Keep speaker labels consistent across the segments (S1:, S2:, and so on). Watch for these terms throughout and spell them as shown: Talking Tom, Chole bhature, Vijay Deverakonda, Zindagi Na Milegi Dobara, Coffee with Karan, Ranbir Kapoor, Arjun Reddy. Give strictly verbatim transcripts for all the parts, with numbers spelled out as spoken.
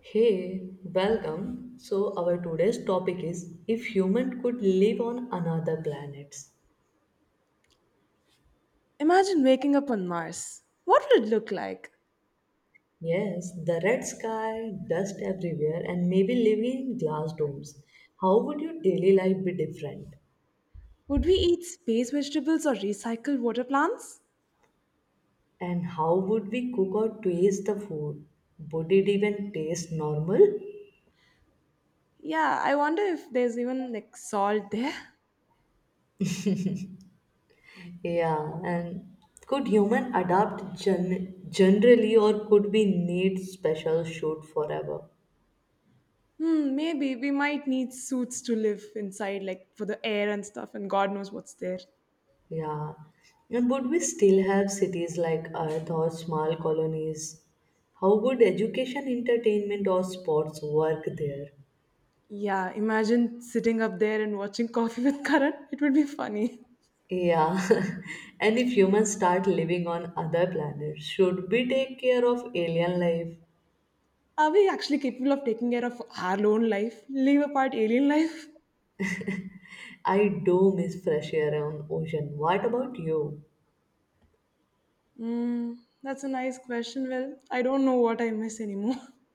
S1: Hey, welcome. So, our today's topic is if human could live on another planet.
S2: Imagine waking up on Mars. What would it look like?
S1: Yes, the red sky, dust everywhere, and maybe living in glass domes. How would your daily life be different?
S2: Would we eat space vegetables or recycle water plants?
S1: And how would we cook or taste the food? Would it even taste normal?
S2: Yeah, I wonder if there's even like salt there.
S1: Yeah, and could human adapt gen- generally, or could we need special shoot forever?
S2: Hmm, maybe we might need suits to live inside, like for the air and stuff, and God knows what's there.
S1: Yeah. And would we still have cities like Earth or small colonies? How would education, entertainment, or sports work there?
S2: Yeah, imagine sitting up there and watching Coffee with Karan. It would be funny.
S1: Yeah. And if humans start living on other planets, should we take care of alien life?
S2: Are we actually capable of taking care of our own life? Leave apart alien life?
S1: I do miss fresh air on ocean. What about you?
S2: Hmm, that's a nice question. Well, I don't know what I miss anymore.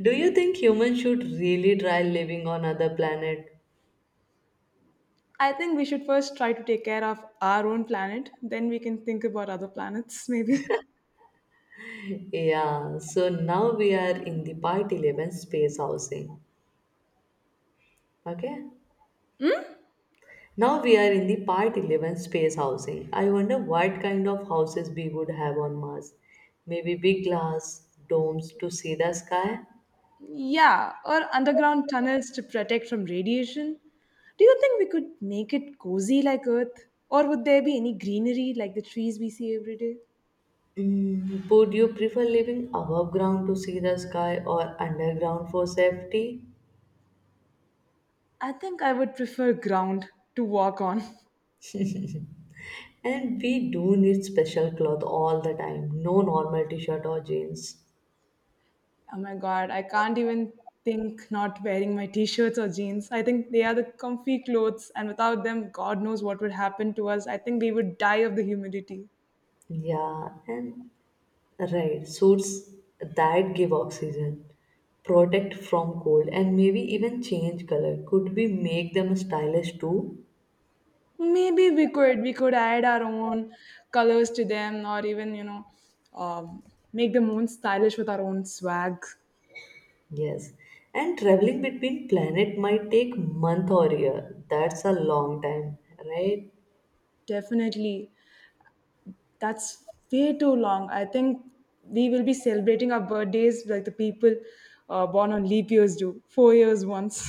S1: Do you think humans should really try living on other planet?
S2: I think we should first try to take care of our own planet, then we can think about other planets, maybe.
S1: Yeah, so now we are in the part eleven space housing. Okay? Now we are in the part eleven space housing. I wonder what kind of houses we would have on Mars. Maybe big glass domes to see the sky?
S2: Yeah, or underground tunnels to protect from radiation. Do you think we could make it cozy like Earth? Or would there be any greenery like the trees we see every day?
S1: Mm, would you prefer living above ground to see the sky or underground for safety?
S2: I think I would prefer ground to walk on.
S1: And we do need special cloth all the time, no normal t shirt or jeans.
S2: Oh my god, I can't even think not wearing my t shirts or jeans. I think they are the comfy clothes, and without them, God knows what would happen to us. I think we would die of the humidity.
S1: Yeah, and right, suits that give oxygen, protect from cold, and maybe even change color. Could we make them stylish too?
S2: Maybe we could we could add our own colors to them, or even you know um, make them own stylish with our own swag.
S1: Yes. And traveling between planet might take month or year. That's a long time, right?
S2: Definitely, that's way too long. I think we will be celebrating our birthdays like the people, uh, born on leap years do, four years once.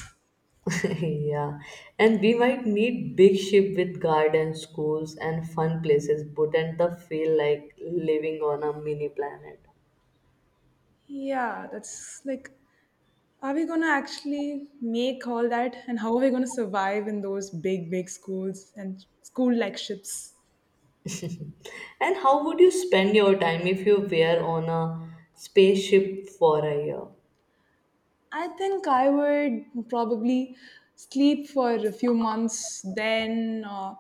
S1: Yeah. And we might need big ship with gardens, schools, and fun places. Wouldn't the feel like living on a mini planet?
S2: Yeah, that's like, are we going to actually make all that? And how are we going to survive in those big big schools and school like ships?
S1: And how would you spend your time if you were on a spaceship for a year?
S2: I think I would probably sleep for a few months, then, uh,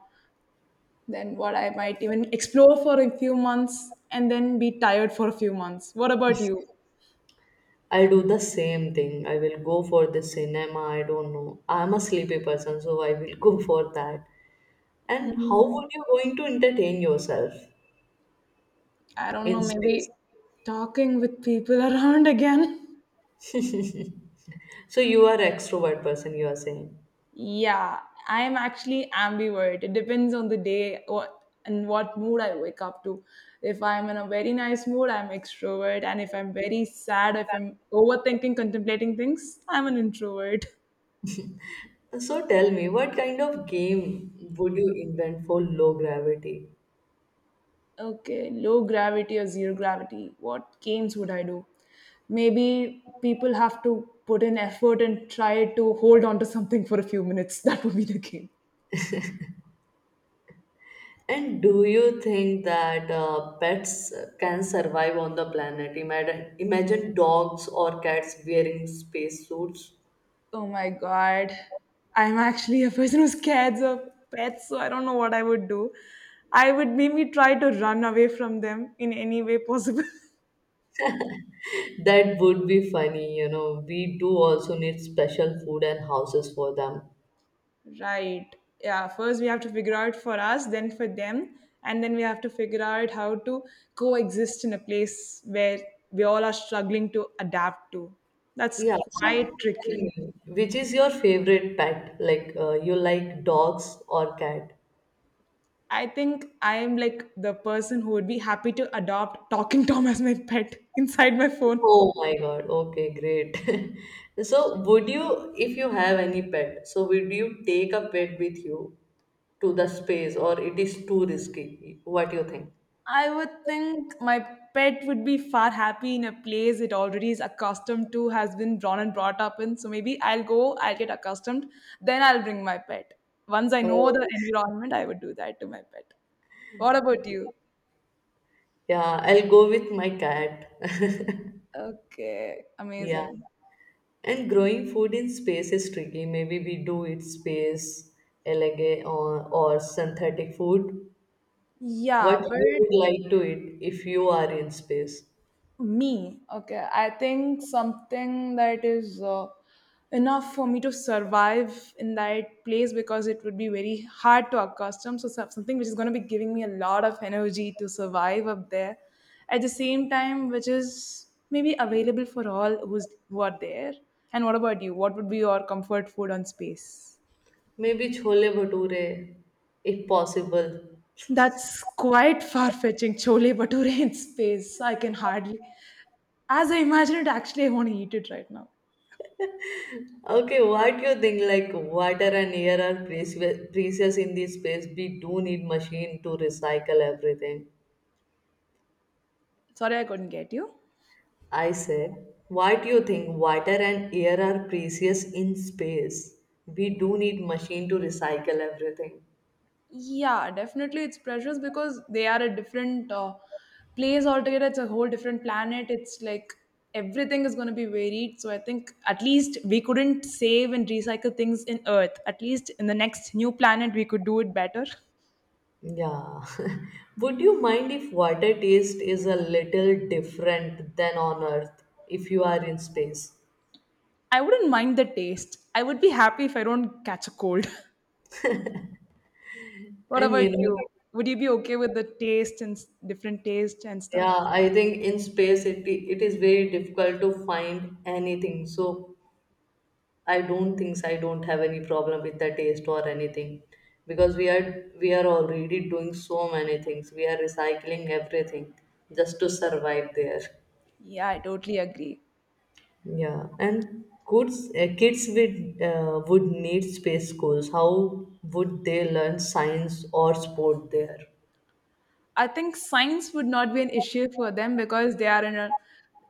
S2: then what, I might even explore for a few months, and then be tired for a few months. What about you?
S1: I do the same thing. I will go for the cinema. I don't know. I'm a sleepy person, so I will go for that. And how
S2: Mm,
S1: would you going to entertain yourself
S2: I don't
S1: in
S2: know.
S1: space?
S2: Maybe talking with people around again.
S1: So you are extrovert person, you are saying.
S2: Yeah, I am actually ambivert. It depends on the day, what, and what mood I wake up to. If I'm in a very nice mood, I'm extrovert, and if I'm very sad, if I'm overthinking, contemplating things, I'm an introvert.
S1: So tell me, what kind of game would you invent for low gravity?
S2: Okay, low gravity or zero gravity. What games would I do? Maybe people have to put in effort and try to hold on to something for a few minutes. That would be the game.
S1: And do you think that uh, pets can survive on the planet? Imagine, imagine dogs or cats wearing space suits.
S2: Oh my god. I'm actually a person who's scared of pets, so I don't know what I would do. I would maybe try to run away from them in any way possible.
S1: That would be funny, you know. We do also need special food and houses for them.
S2: Right. Yeah, first we have to figure out for us, then for them, and then we have to figure out how to coexist in a place where we all are struggling to adapt to. That's
S1: Yeah, so
S2: quite
S1: tell
S2: tricky.
S1: me, which is your favorite pet? Like, uh, you like dogs or cat?
S2: I think I am like the person who would be happy to adopt Talking Tom as my pet inside my phone.
S1: Oh my God, okay, great. So, would you, if you have any pet, so would you take a pet with you to the space or it is too risky. What you think?
S2: I would think my pet would be far happy in a place it already is accustomed to, has been drawn and brought up in. So maybe I'll go, I'll get accustomed, then I'll bring my pet. Once I know
S1: Oh,
S2: the environment, I would do that to my pet. What about you?
S1: yeah, I'll go with my cat.
S2: Okay,
S1: Yeah.
S2: amazing.
S1: And growing food in space is tricky. Maybe we do it space, elegant or, or synthetic food. What
S2: Yeah, but
S1: you would like to eat if you are in space?
S2: me, okay. I think something that is uh, enough for me to survive in that place because it would be very hard to accustom. So, some- something which is going to be giving me a lot of energy to survive up there at the same time, which is maybe available for all who's, who are there. And what about you? What would be your comfort food on space?
S1: Maybe chole bhature, if possible.
S2: That's quite far fetching. Chole bhature in space. I can hardly. As I imagine it, actually, I want to eat it right now.
S1: Okay, what you think? Like water and air are precious precious in this space. We do need machine to recycle everything.
S2: Sorry, I couldn't get you.
S1: I said, why do you think water and air are precious in space? We do need machine to recycle everything.
S2: Yeah, definitely it's precious because they are a different uh, place altogether. It's a whole different planet. It's like everything is going to be varied. So I think at least we couldn't save and recycle things in Earth. At least in the next new planet, we could do it better.
S1: Yeah. Would you mind if water taste is a little different than on Earth if you are in space?
S2: I wouldn't mind the taste. I would be happy if I don't catch a cold. What
S1: And
S2: about
S1: you know,
S2: you? Would you be okay with the taste and s- different taste and
S1: yeah,
S2: stuff?
S1: I think in space it, it is very difficult to find anything. So I don't think so. I don't have any problem with the taste or anything because we are we are already doing so many things. We are recycling everything just to survive there.
S2: Yeah, I totally agree.
S1: Yeah, and kids uh, kids with uh, would need space schools. How would they learn science or sport there?
S2: I think science would not be an issue for them because they are in a,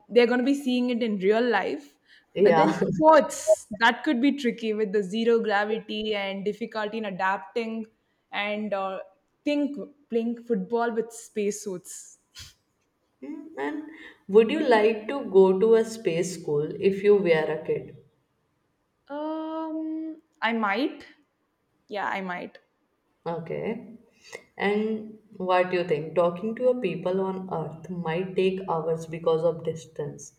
S2: they're going to be seeing it in real life. But then
S1: Yeah.
S2: sports, that could be tricky with the zero gravity and difficulty in adapting, and, uh, think, playing football with spacesuits.
S1: Mm, and would you like to go to a space school if you were a kid?
S2: Um, I might. Yeah, I might.
S1: Okay. And what do you think? Talking to your people on Earth might take hours because of distance.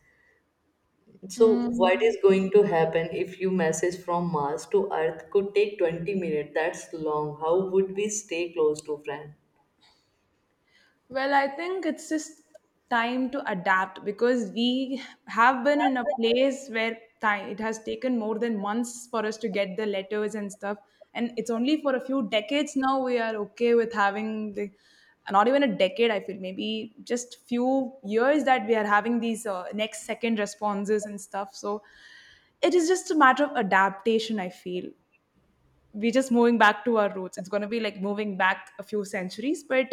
S1: So, what
S2: Mm.
S1: is going to happen if you message from Mars to Earth could take twenty minutes? That's long. How would we stay close to friend?
S2: Well, I think it's just time to adapt because we have been in a place where time, it has taken more than months for us to get the letters and stuff. And it's only for a few decades now we are okay with having the, not even a decade, I feel, maybe just few years that we are having these uh, next second responses and stuff. So it is just a matter of adaptation, I feel. We're just moving back to our roots. It's going to be like moving back a few centuries, but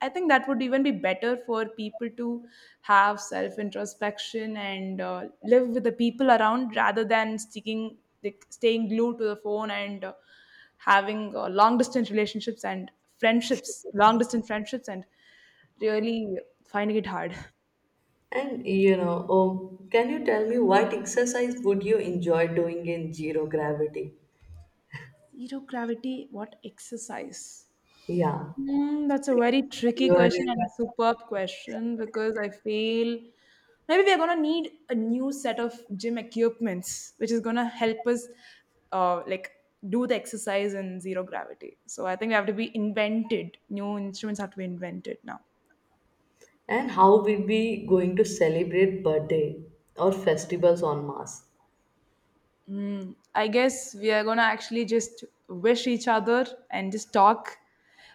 S2: I think that would even be better for people to have self introspection and uh, live with the people around rather than sticking, like, staying glued to the phone and, uh, having uh, long distance relationships and friendships, long distance friendships, and really finding it hard.
S1: And you know, oh, can you tell me what exercise would you enjoy doing in zero gravity?
S2: Zero gravity, what exercise?
S1: Yeah,
S2: Hmm, that's a
S1: like
S2: very
S1: you
S2: tricky
S1: are
S2: question
S1: in.
S2: and a superb question because I feel maybe we're gonna need a new set of gym equipments, which is gonna help us uh, like do the exercise in zero gravity. So I think we have to be invented. New instruments have to be invented now.
S1: And how will we going to celebrate birthday or festivals on Mars?
S2: Mm, I guess we are gonna actually just wish each other and just talk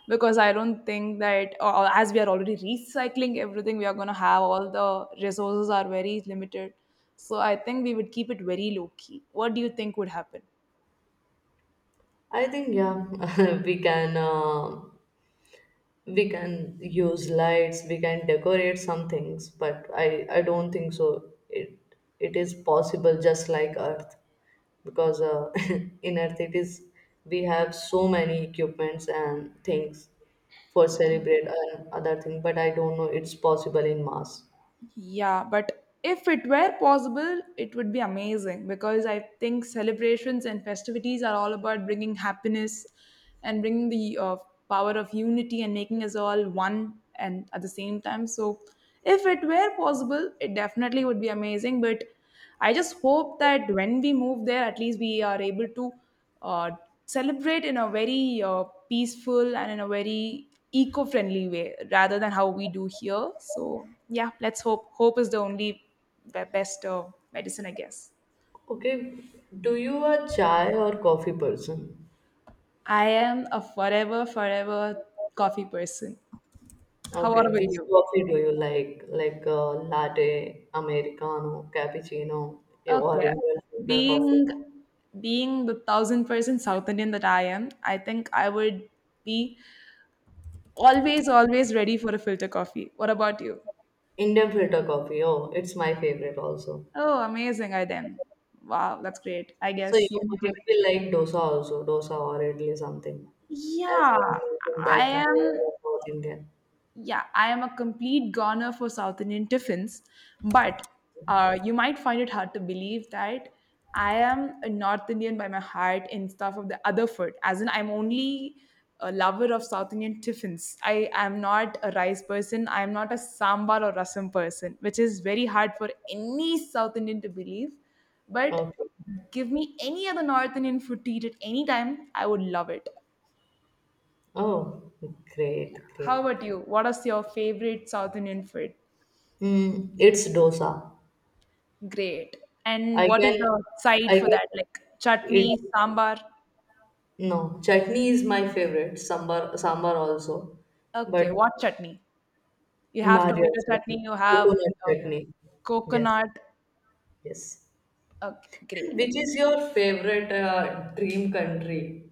S2: because I don't think that, or, or as we are already recycling everything, we are gonna have all the resources are very limited. So I think we would keep it very low key. What do you think would happen?
S1: I think yeah, we can uh, we can use lights, we can decorate some things, but I I don't think so. It it is possible just like Earth because uh, in Earth it is we have so many equipments and things for celebrate and other thing, but I don't know it's possible in Mars.
S2: Yeah, but if it were possible, it would be amazing because I think celebrations and festivities are all about bringing happiness and bringing the uh, power of unity and making us all one and at the same time. So, if it were possible, it definitely would be amazing. But I just hope that when we move there, at least we are able to uh, celebrate in a very uh, peaceful and in a very eco-friendly way, rather than how we do here. So yeah, let's hope. Hope is the only be- best uh, medicine, I guess.
S1: Okay, do you a chai or coffee person?
S2: I am a forever, forever coffee person. How
S1: Okay,
S2: are with
S1: which
S2: you?
S1: coffee do you like? Like uh, latte, americano, cappuccino, or
S2: Okay.
S1: Indian filter coffee?
S2: Being being the thousand percent South Indian that I am, I think I would be always, always ready for a filter coffee. What about you?
S1: Indian filter coffee. Oh, it's my favorite also.
S2: Oh, amazing. I then. Wow, that's great. I
S1: So
S2: guess
S1: you might
S2: unity.
S1: be like dosa also, dosa or idli something, as
S2: Yeah,
S1: you have mentioned
S2: I
S1: that you
S2: am.
S1: are a South Indian.
S2: Yeah, I am a complete goner for South Indian tiffins, but uh, you might find it hard to believe that I am a North Indian by my heart and stuff of the other food. As in, I'm only a lover of South Indian tiffins. I am not a rice person. I am not a sambar or rasam person, which is very hard for any South Indian to believe. But
S1: Okay.
S2: give me any other North Indian food to eat at any time, I would love it.
S1: Oh, great,
S2: How
S1: great.
S2: about you? What is your favorite South Indian food?
S1: Mm, it's dosa.
S2: Great. And
S1: I
S2: what is
S1: can,
S2: the side
S1: I
S2: for
S1: can,
S2: that? Like
S1: it,
S2: chutney, sambar?
S1: no, chutney is my favorite, sambar, sambar also. But
S2: Okay, what chutney? You have
S1: Nariyal
S2: tomato
S1: chutney,
S2: chutney, you have
S1: coconut
S2: uh,
S1: chutney. Yes,
S2: coconut.
S1: yes.
S2: Okay,
S1: And
S2: great.
S1: which is your favorite uh, dream country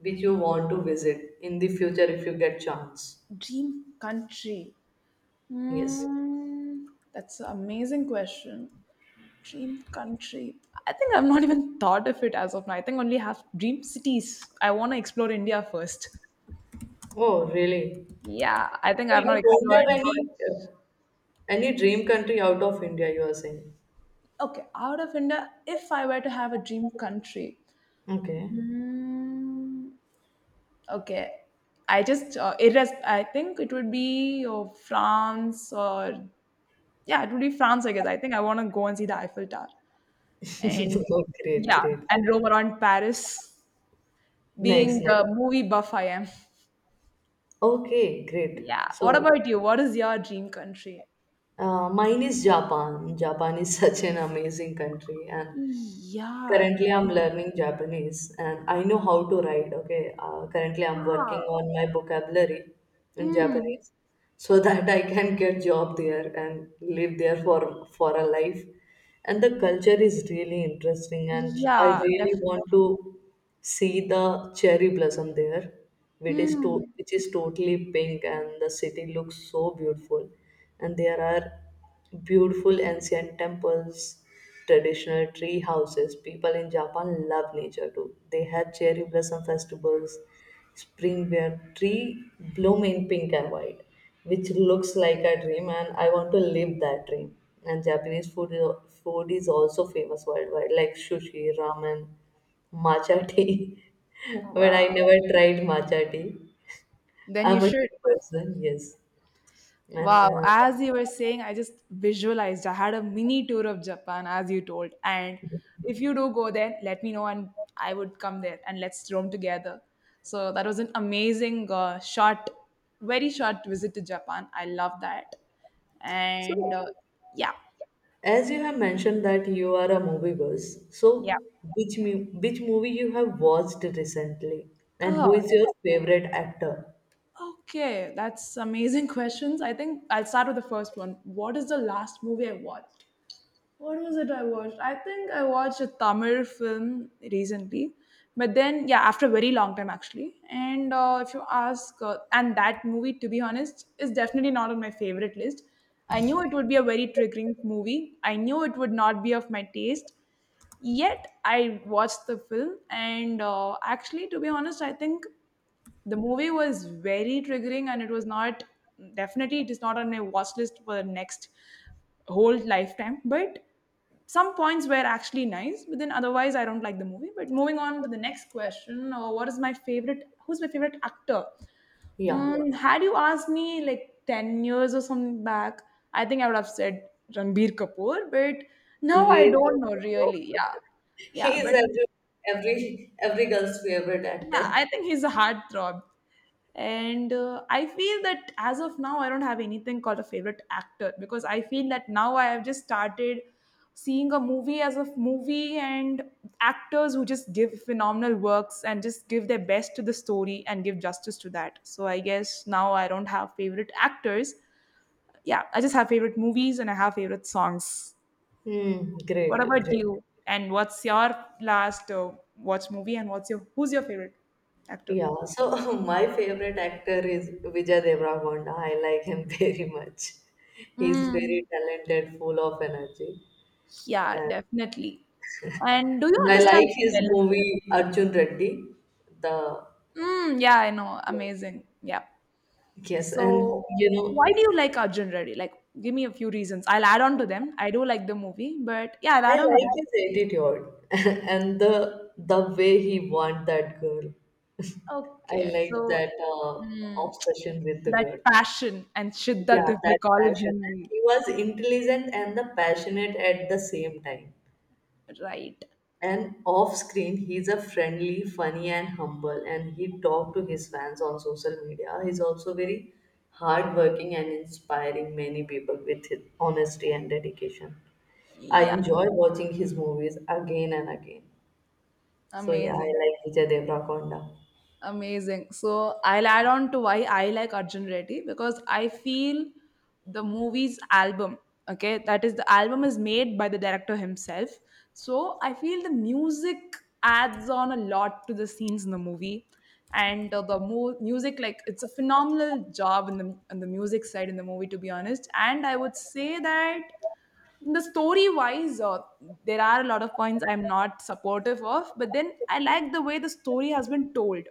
S1: which you want to visit in the future if you get chance?
S2: Dream country.
S1: Yes.
S2: Mm, that's an amazing question. Dream country. I think I've not even thought of it as of now. I think only have dream cities. I want to explore India first.
S1: Oh, really?
S2: Yeah, I think
S1: So
S2: I've not
S1: you don't
S2: explored.
S1: have any uh, any dream country out of India, you are saying?
S2: Okay, out of India, if I were to have a dream country,
S1: Okay.
S2: mm, okay. I just uh, it is. I think it would be, oh, France, or yeah, it would be France, I guess. I think I want to go and see the Eiffel Tower and,
S1: Oh, great,
S2: yeah,
S1: great.
S2: and roam around Paris,
S1: Nice,
S2: being
S1: nice.
S2: the movie buff I am.
S1: Okay, great.
S2: Yeah. What
S1: So,
S2: about you? What is your dream country?
S1: uh, mine is Japan. Japan is such an amazing country, and
S2: Yeah.
S1: currently, I'm
S2: Definitely.
S1: learning Japanese and I know how to write. Okay. Uh, currently, I'm working
S2: Wow.
S1: on my vocabulary in
S2: Mm,
S1: Japanese so that I can get job there and live there for for a life. And the culture is really interesting, and I
S2: yeah.
S1: really want to
S2: Definitely.
S1: see the cherry blossom there which is to,
S2: Hmm.
S1: which is totally pink and the city looks so beautiful and there are beautiful ancient temples, traditional tree houses. People in Japan love nature too. They have cherry blossom festivals, spring where tree bloom in pink and white, which looks like a dream, and I want to live that dream. And Japanese food is, food is also famous worldwide, like sushi, ramen, matcha tea. But
S2: Wow.
S1: I never tried matcha tea.
S2: Then you
S1: I'm a
S2: should.
S1: tea person, yes. And
S2: Wow,
S1: uh,
S2: as you were saying, I just visualized. I had a mini tour of Japan, as you told. And if you do go there, let me know, and I would come there and let's roam together. So that was an amazing, uh, short, very short visit to Japan. I love that.
S1: so,
S2: And uh, yeah,
S1: as you have mentioned that you are a movie buzz,
S2: yeah.
S1: so which mu- which movie you have watched recently, and who
S2: Oh,
S1: is your favorite actor?
S2: okay. That's amazing questions. I think I'll start with the first one. What is the last movie I watched? What was it I watched? I think I watched a Tamil film recently, but then yeah, after a very long time actually. And uh, if you ask, uh, and that movie, to be honest, is definitely not on my favorite list. I knew it would be a very triggering movie. I knew it would not be of my taste. Yet I watched the film, and uh, actually, to be honest, I think the movie was very triggering and it was not definitely it is not on a watch list for the next whole lifetime, but some points were actually nice, but then otherwise I don't like the movie. But moving on to the next question, uh, what is my favorite, who's my favorite actor?
S1: Yeah.
S2: Mm, had you asked me like ten years or something back, I think I would have said Ranbir Kapoor, but
S1: And
S2: now I
S1: we
S2: don't know really. Yeah.
S1: he
S2: Yeah.
S1: is
S2: But
S1: every every every girl's favorite
S2: yeah,
S1: actor.
S2: I think he's a heartthrob. And uh, I feel that as of now, I don't have anything called a favorite actor, because I feel that now I have just started seeing a movie as a movie, and actors who just give phenomenal works and just give their best to the story and give justice to that. So I guess now I don't have favorite actors. Yeah, I just have favorite movies and I have favorite songs.
S1: Hmm, great,
S2: What about
S1: great.
S2: you? And what's your last uh, watch movie, and what's your, who's your favorite actor?
S1: Yeah, so my favorite actor is Vijay Deverakonda. I like him very much. He's
S2: Mm,
S1: very talented, full of energy.
S2: yeah, definitely. And do you
S1: And I like
S2: understand
S1: his
S2: Telugu?
S1: movie Arjun Reddy. The
S2: Mm, yeah, I know. Amazing. Yeah.
S1: Yes, and
S2: So,
S1: you
S2: why
S1: know,
S2: do you like Arjun Reddy? Like, give me a few reasons. I'll add on to them. I do like the movie, but yeah, I'll
S1: I
S2: add on to
S1: like
S2: them.
S1: his attitude and the the way he want that girl. I
S2: Okay.
S1: like
S2: So,
S1: that uh,
S2: mm,
S1: obsession with the
S2: that
S1: girl.
S2: passion and
S1: Yeah,
S2: shiddat, if we
S1: that
S2: call it
S1: passion.
S2: Hindi.
S1: He was intelligent and the passionate at the same time.
S2: Right.
S1: And off screen, he's a friendly, funny, and humble. And he talked to his fans on social media. He's also very hardworking and inspiring many people with his honesty and dedication. I
S2: Yeah.
S1: enjoy watching his movies again and again. So yeah, I
S2: Amazing.
S1: like Vijay Devrakonda.
S2: Amazing. So I'll add on to why I like Arjun Reddy, because I feel the movie's album, okay, that is the album is made by the director himself. So I feel the music adds on a lot to the scenes in the movie. And uh, the mo- music, like, it's a phenomenal job in the, in the music side in the movie, to be honest. And I would say that the story wise uh, there are a lot of points I'm not supportive of, but then I like the way the story has been told,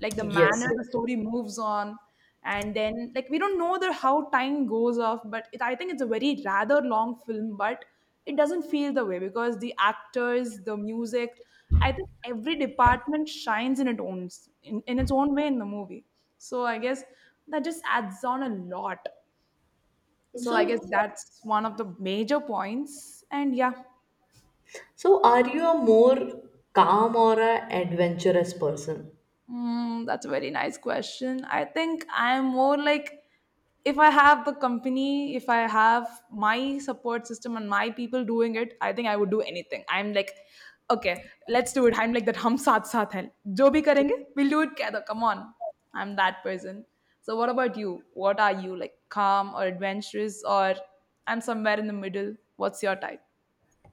S2: like the
S1: Yes,
S2: manner the
S1: yes.
S2: story moves on. And then, like, we don't know the how time goes off, but it, I think it's a very rather long film, but it doesn't feel the way because the actors, the music, I think every department shines in its own, in, in its own way in the movie. So I guess that just adds on a lot.
S1: Yes.
S2: So I guess
S1: So,
S2: that's one of the major points. And yeah,
S1: So, are you a more calm or a adventurous person?
S2: mm, that's a very nice question. I think I'm more like, if I have the company, if I have my support system and my people doing it, I think I would do anything. I'm like, okay, let's do it. I'm like that. Hum saath saath hain. Jo bhi karenge, we'll do it together. Come on. I'm that person. So what about you? What are you like? Calm or adventurous, or I'm somewhere in the middle. What's your type?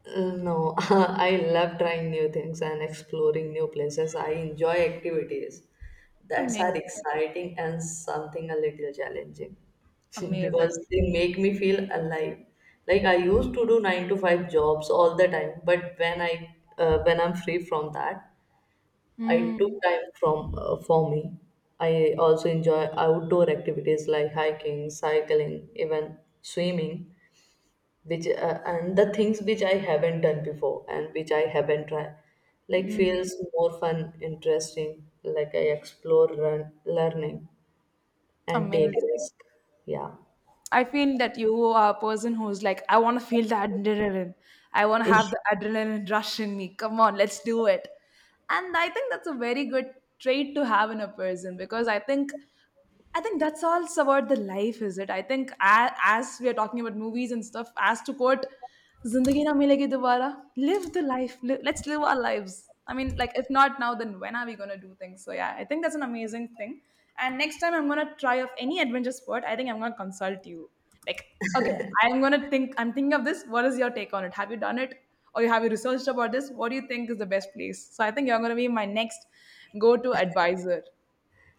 S1: Uh, no, I love trying new things and exploring new places. I enjoy activities that are
S2: Amazing.
S1: exciting and something a little challenging
S2: Amazing.
S1: because they make me feel alive. Like I used to do nine to five jobs all the time, but when I uh, when I'm free from that, I
S2: Mm,
S1: took time from uh, for me. I also enjoy outdoor activities like hiking, cycling, even swimming, which uh, and the things which I haven't done before and which I haven't tried. Like
S2: mm,
S1: feels more fun, interesting. Like I explore, learn, learning, and take
S2: amazing.
S1: risk. Yeah.
S2: I feel that you are a person who's like, I want to feel the adrenaline. I want to have the adrenaline rush in me. Come on, let's do it. And I think that's a very good trait to have in a person, because I think, I think that's all about the life, is it? I think as, as we are talking about movies and stuff, as to quote "Zindagi Na Milegi Dobara." Live the life. Li- let's live our lives. I mean, like, if not now, then when are we going to do things? So, yeah, I think that's an amazing thing. And next time I'm going to try of any adventure sport, I think I'm going to consult you. Like, okay, I'm going to think, I'm thinking of this. What is your take on it? Have you done it? Or you, have you researched about this? What do you think is the best place? So, I think you're going to be my next go to advisor.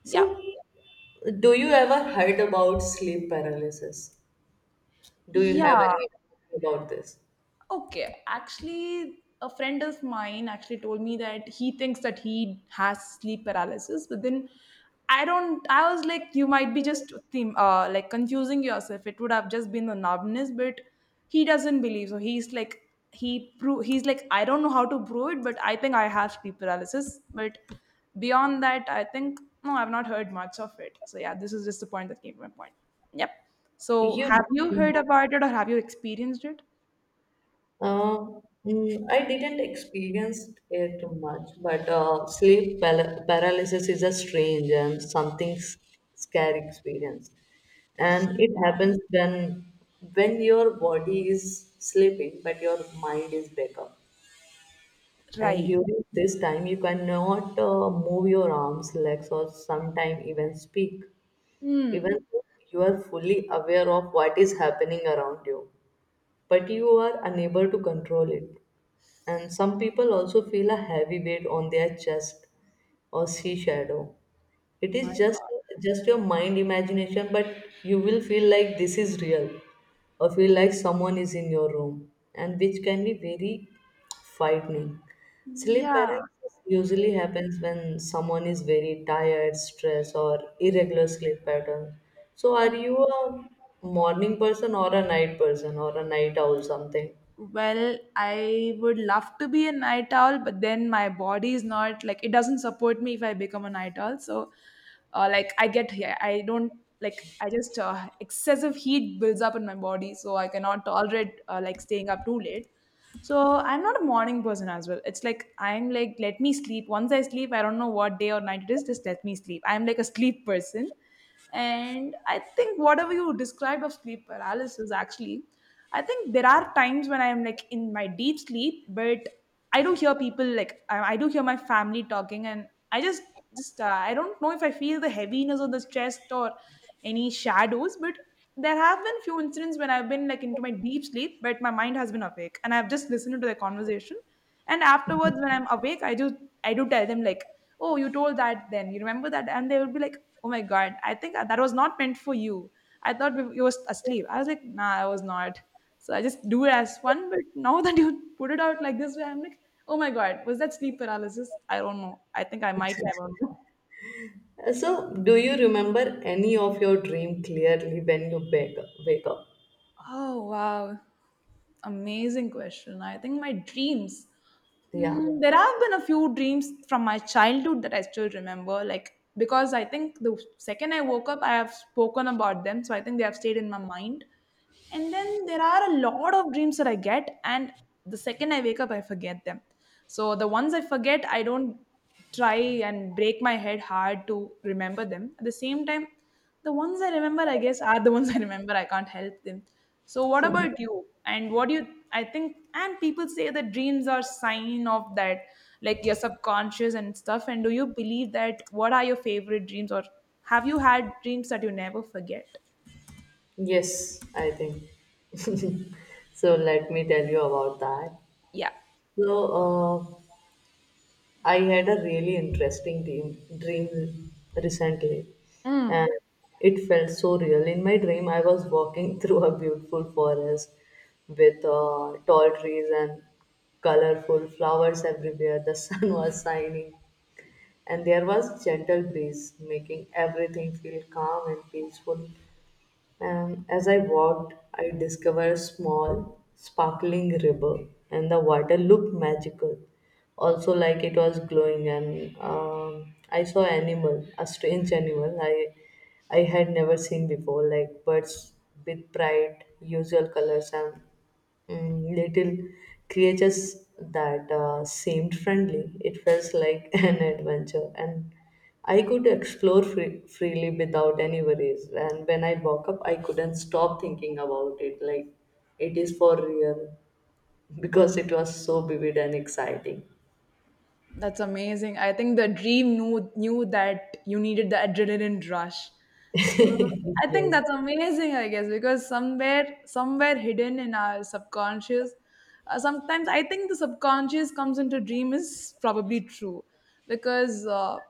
S2: Yeah.
S1: So, do you ever heard about sleep paralysis? Do you have
S2: Yeah.
S1: any about this?
S2: Okay, actually, a friend of mine actually told me that he thinks that he has sleep paralysis, but then I don't. I was like, you might be just theme, uh, like confusing yourself. It would have just been the numbness, but he doesn't believe. So he's like, he pro- he's like, I don't know how to prove it, but I think I have sleep paralysis. But beyond that, I think no, I've not heard much of it. So yeah, this is just the point that came to my point. Yep. So
S1: You know.
S2: have you heard about it or have you experienced it?
S1: Uh, mm, I didn't experience it much, but uh, sleep pal- paralysis is a strange and something s- scary experience. And it
S2: Yeah.
S1: happens then when your body is sleeping, but your mind is back up. And
S2: Right.
S1: during this time, you cannot uh, move your arms, legs, or sometimes even speak, even
S2: Hmm.
S1: though you are fully aware of what is happening around you, but you are unable to control it. And some people also feel a heavy weight on their chest or sea shadow. It
S2: My
S1: is just
S2: God.
S1: just your mind imagination, but you will feel like this is real or feel like someone is in your room and which can be very frightening.
S2: Yeah.
S1: Sleep
S2: Yeah.
S1: paralysis usually happens when someone is very tired, stressed, or irregular sleep pattern. So,
S2: Uh,
S1: are you a morning person or a night person or a night owl, something?
S2: well, I would love to be a night owl, but then my body is not like, it doesn't support me if I become a night owl. So, uh, like I get here, I don't, like I just uh, excessive heat builds up in my body, so I cannot tolerate uh, like staying up too late. So I'm not a morning person as well. It's like I'm like let me sleep. Once I sleep, I don't know what day or night it is. Just let me sleep. I'm like a sleep person, and I think whatever you described of sleep paralysis, actually I think there are times when I'm like in my deep sleep, but I do hear people, like I, I do hear my family talking, and I just just uh, I don't know if I feel the heaviness of the chest or any shadows, but there have been few incidents when I've been like into my deep sleep, but my mind has been awake, and I've just listened to the conversation. And afterwards, when I'm awake, I do I do tell them like, "Oh, you told that then. You remember that?" And they would be like, "Oh my god, I think that was not meant for you. I thought you were asleep." I was like, "Nah, I was not." So I just do it as fun. But now that you put it out like this way, I'm like, oh my God, was that sleep paralysis? I don't know. I think I might never know.
S1: Uh, So, do you remember any of your dream clearly when you wake wake up?
S2: Oh, wow. Amazing question. I think my dreams.
S1: Yeah.
S2: Mm, there have been a few dreams from my childhood that I still remember, like because I think the second I woke up, I have spoken about them, so I think they have stayed in my mind. And then there are a lot of dreams that I get, and the second I wake up, I forget them. So the ones I forget, I don't try and break my head hard to remember them. At the same time, the ones I remember, I guess, are the ones I remember. I can't help them. So, what about you? And what do you? I think, and people say that dreams are sign of that, like your subconscious and stuff. And do you believe that? What are your favorite dreams, or have you had dreams that you never forget?
S1: Yes, I think. So let me tell you about that.
S2: Yeah.
S1: So uh, I had a really interesting dream dream recently,
S2: Mm.
S1: and it felt so real. In my dream, I was walking through a beautiful forest with uh, tall trees and colorful flowers everywhere. The sun was shining and there was gentle breeze making everything feel calm and peaceful. And as I walked, I discovered a small sparkling river, and the water looked magical, also like it was glowing. And um, I saw animal a strange animal. I i had never seen before, like birds with bright usual colors and and little creatures that uh, seemed friendly. It felt like an adventure, and I could explore free- freely without any worries. And when I woke up, I couldn't stop thinking about it like it is for real because it was so vivid and exciting.
S2: That's amazing. I think the dream knew knew that you needed the adrenaline rush. So I think
S1: Yes.
S2: that's amazing, I guess, because somewhere somewhere hidden in our subconscious, uh, sometimes I think the subconscious comes into dream is probably true, because uh,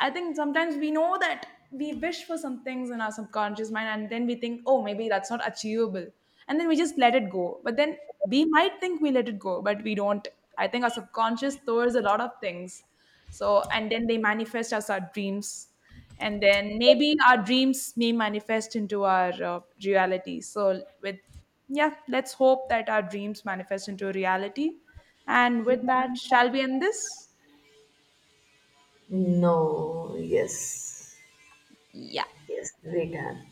S2: I think sometimes we know that we wish for some things in our subconscious mind, and then we think, oh, maybe that's not achievable. And then we just let it go. But then we might think we let it go, but we don't. I think our subconscious stores a lot of things. So, and then they manifest as our dreams. And then maybe our dreams may manifest into our uh, reality. So, with, yeah, let's hope that our dreams manifest into reality. And with that, shall we end this?
S1: No, yes.
S2: Yeah.
S1: Yes, we can.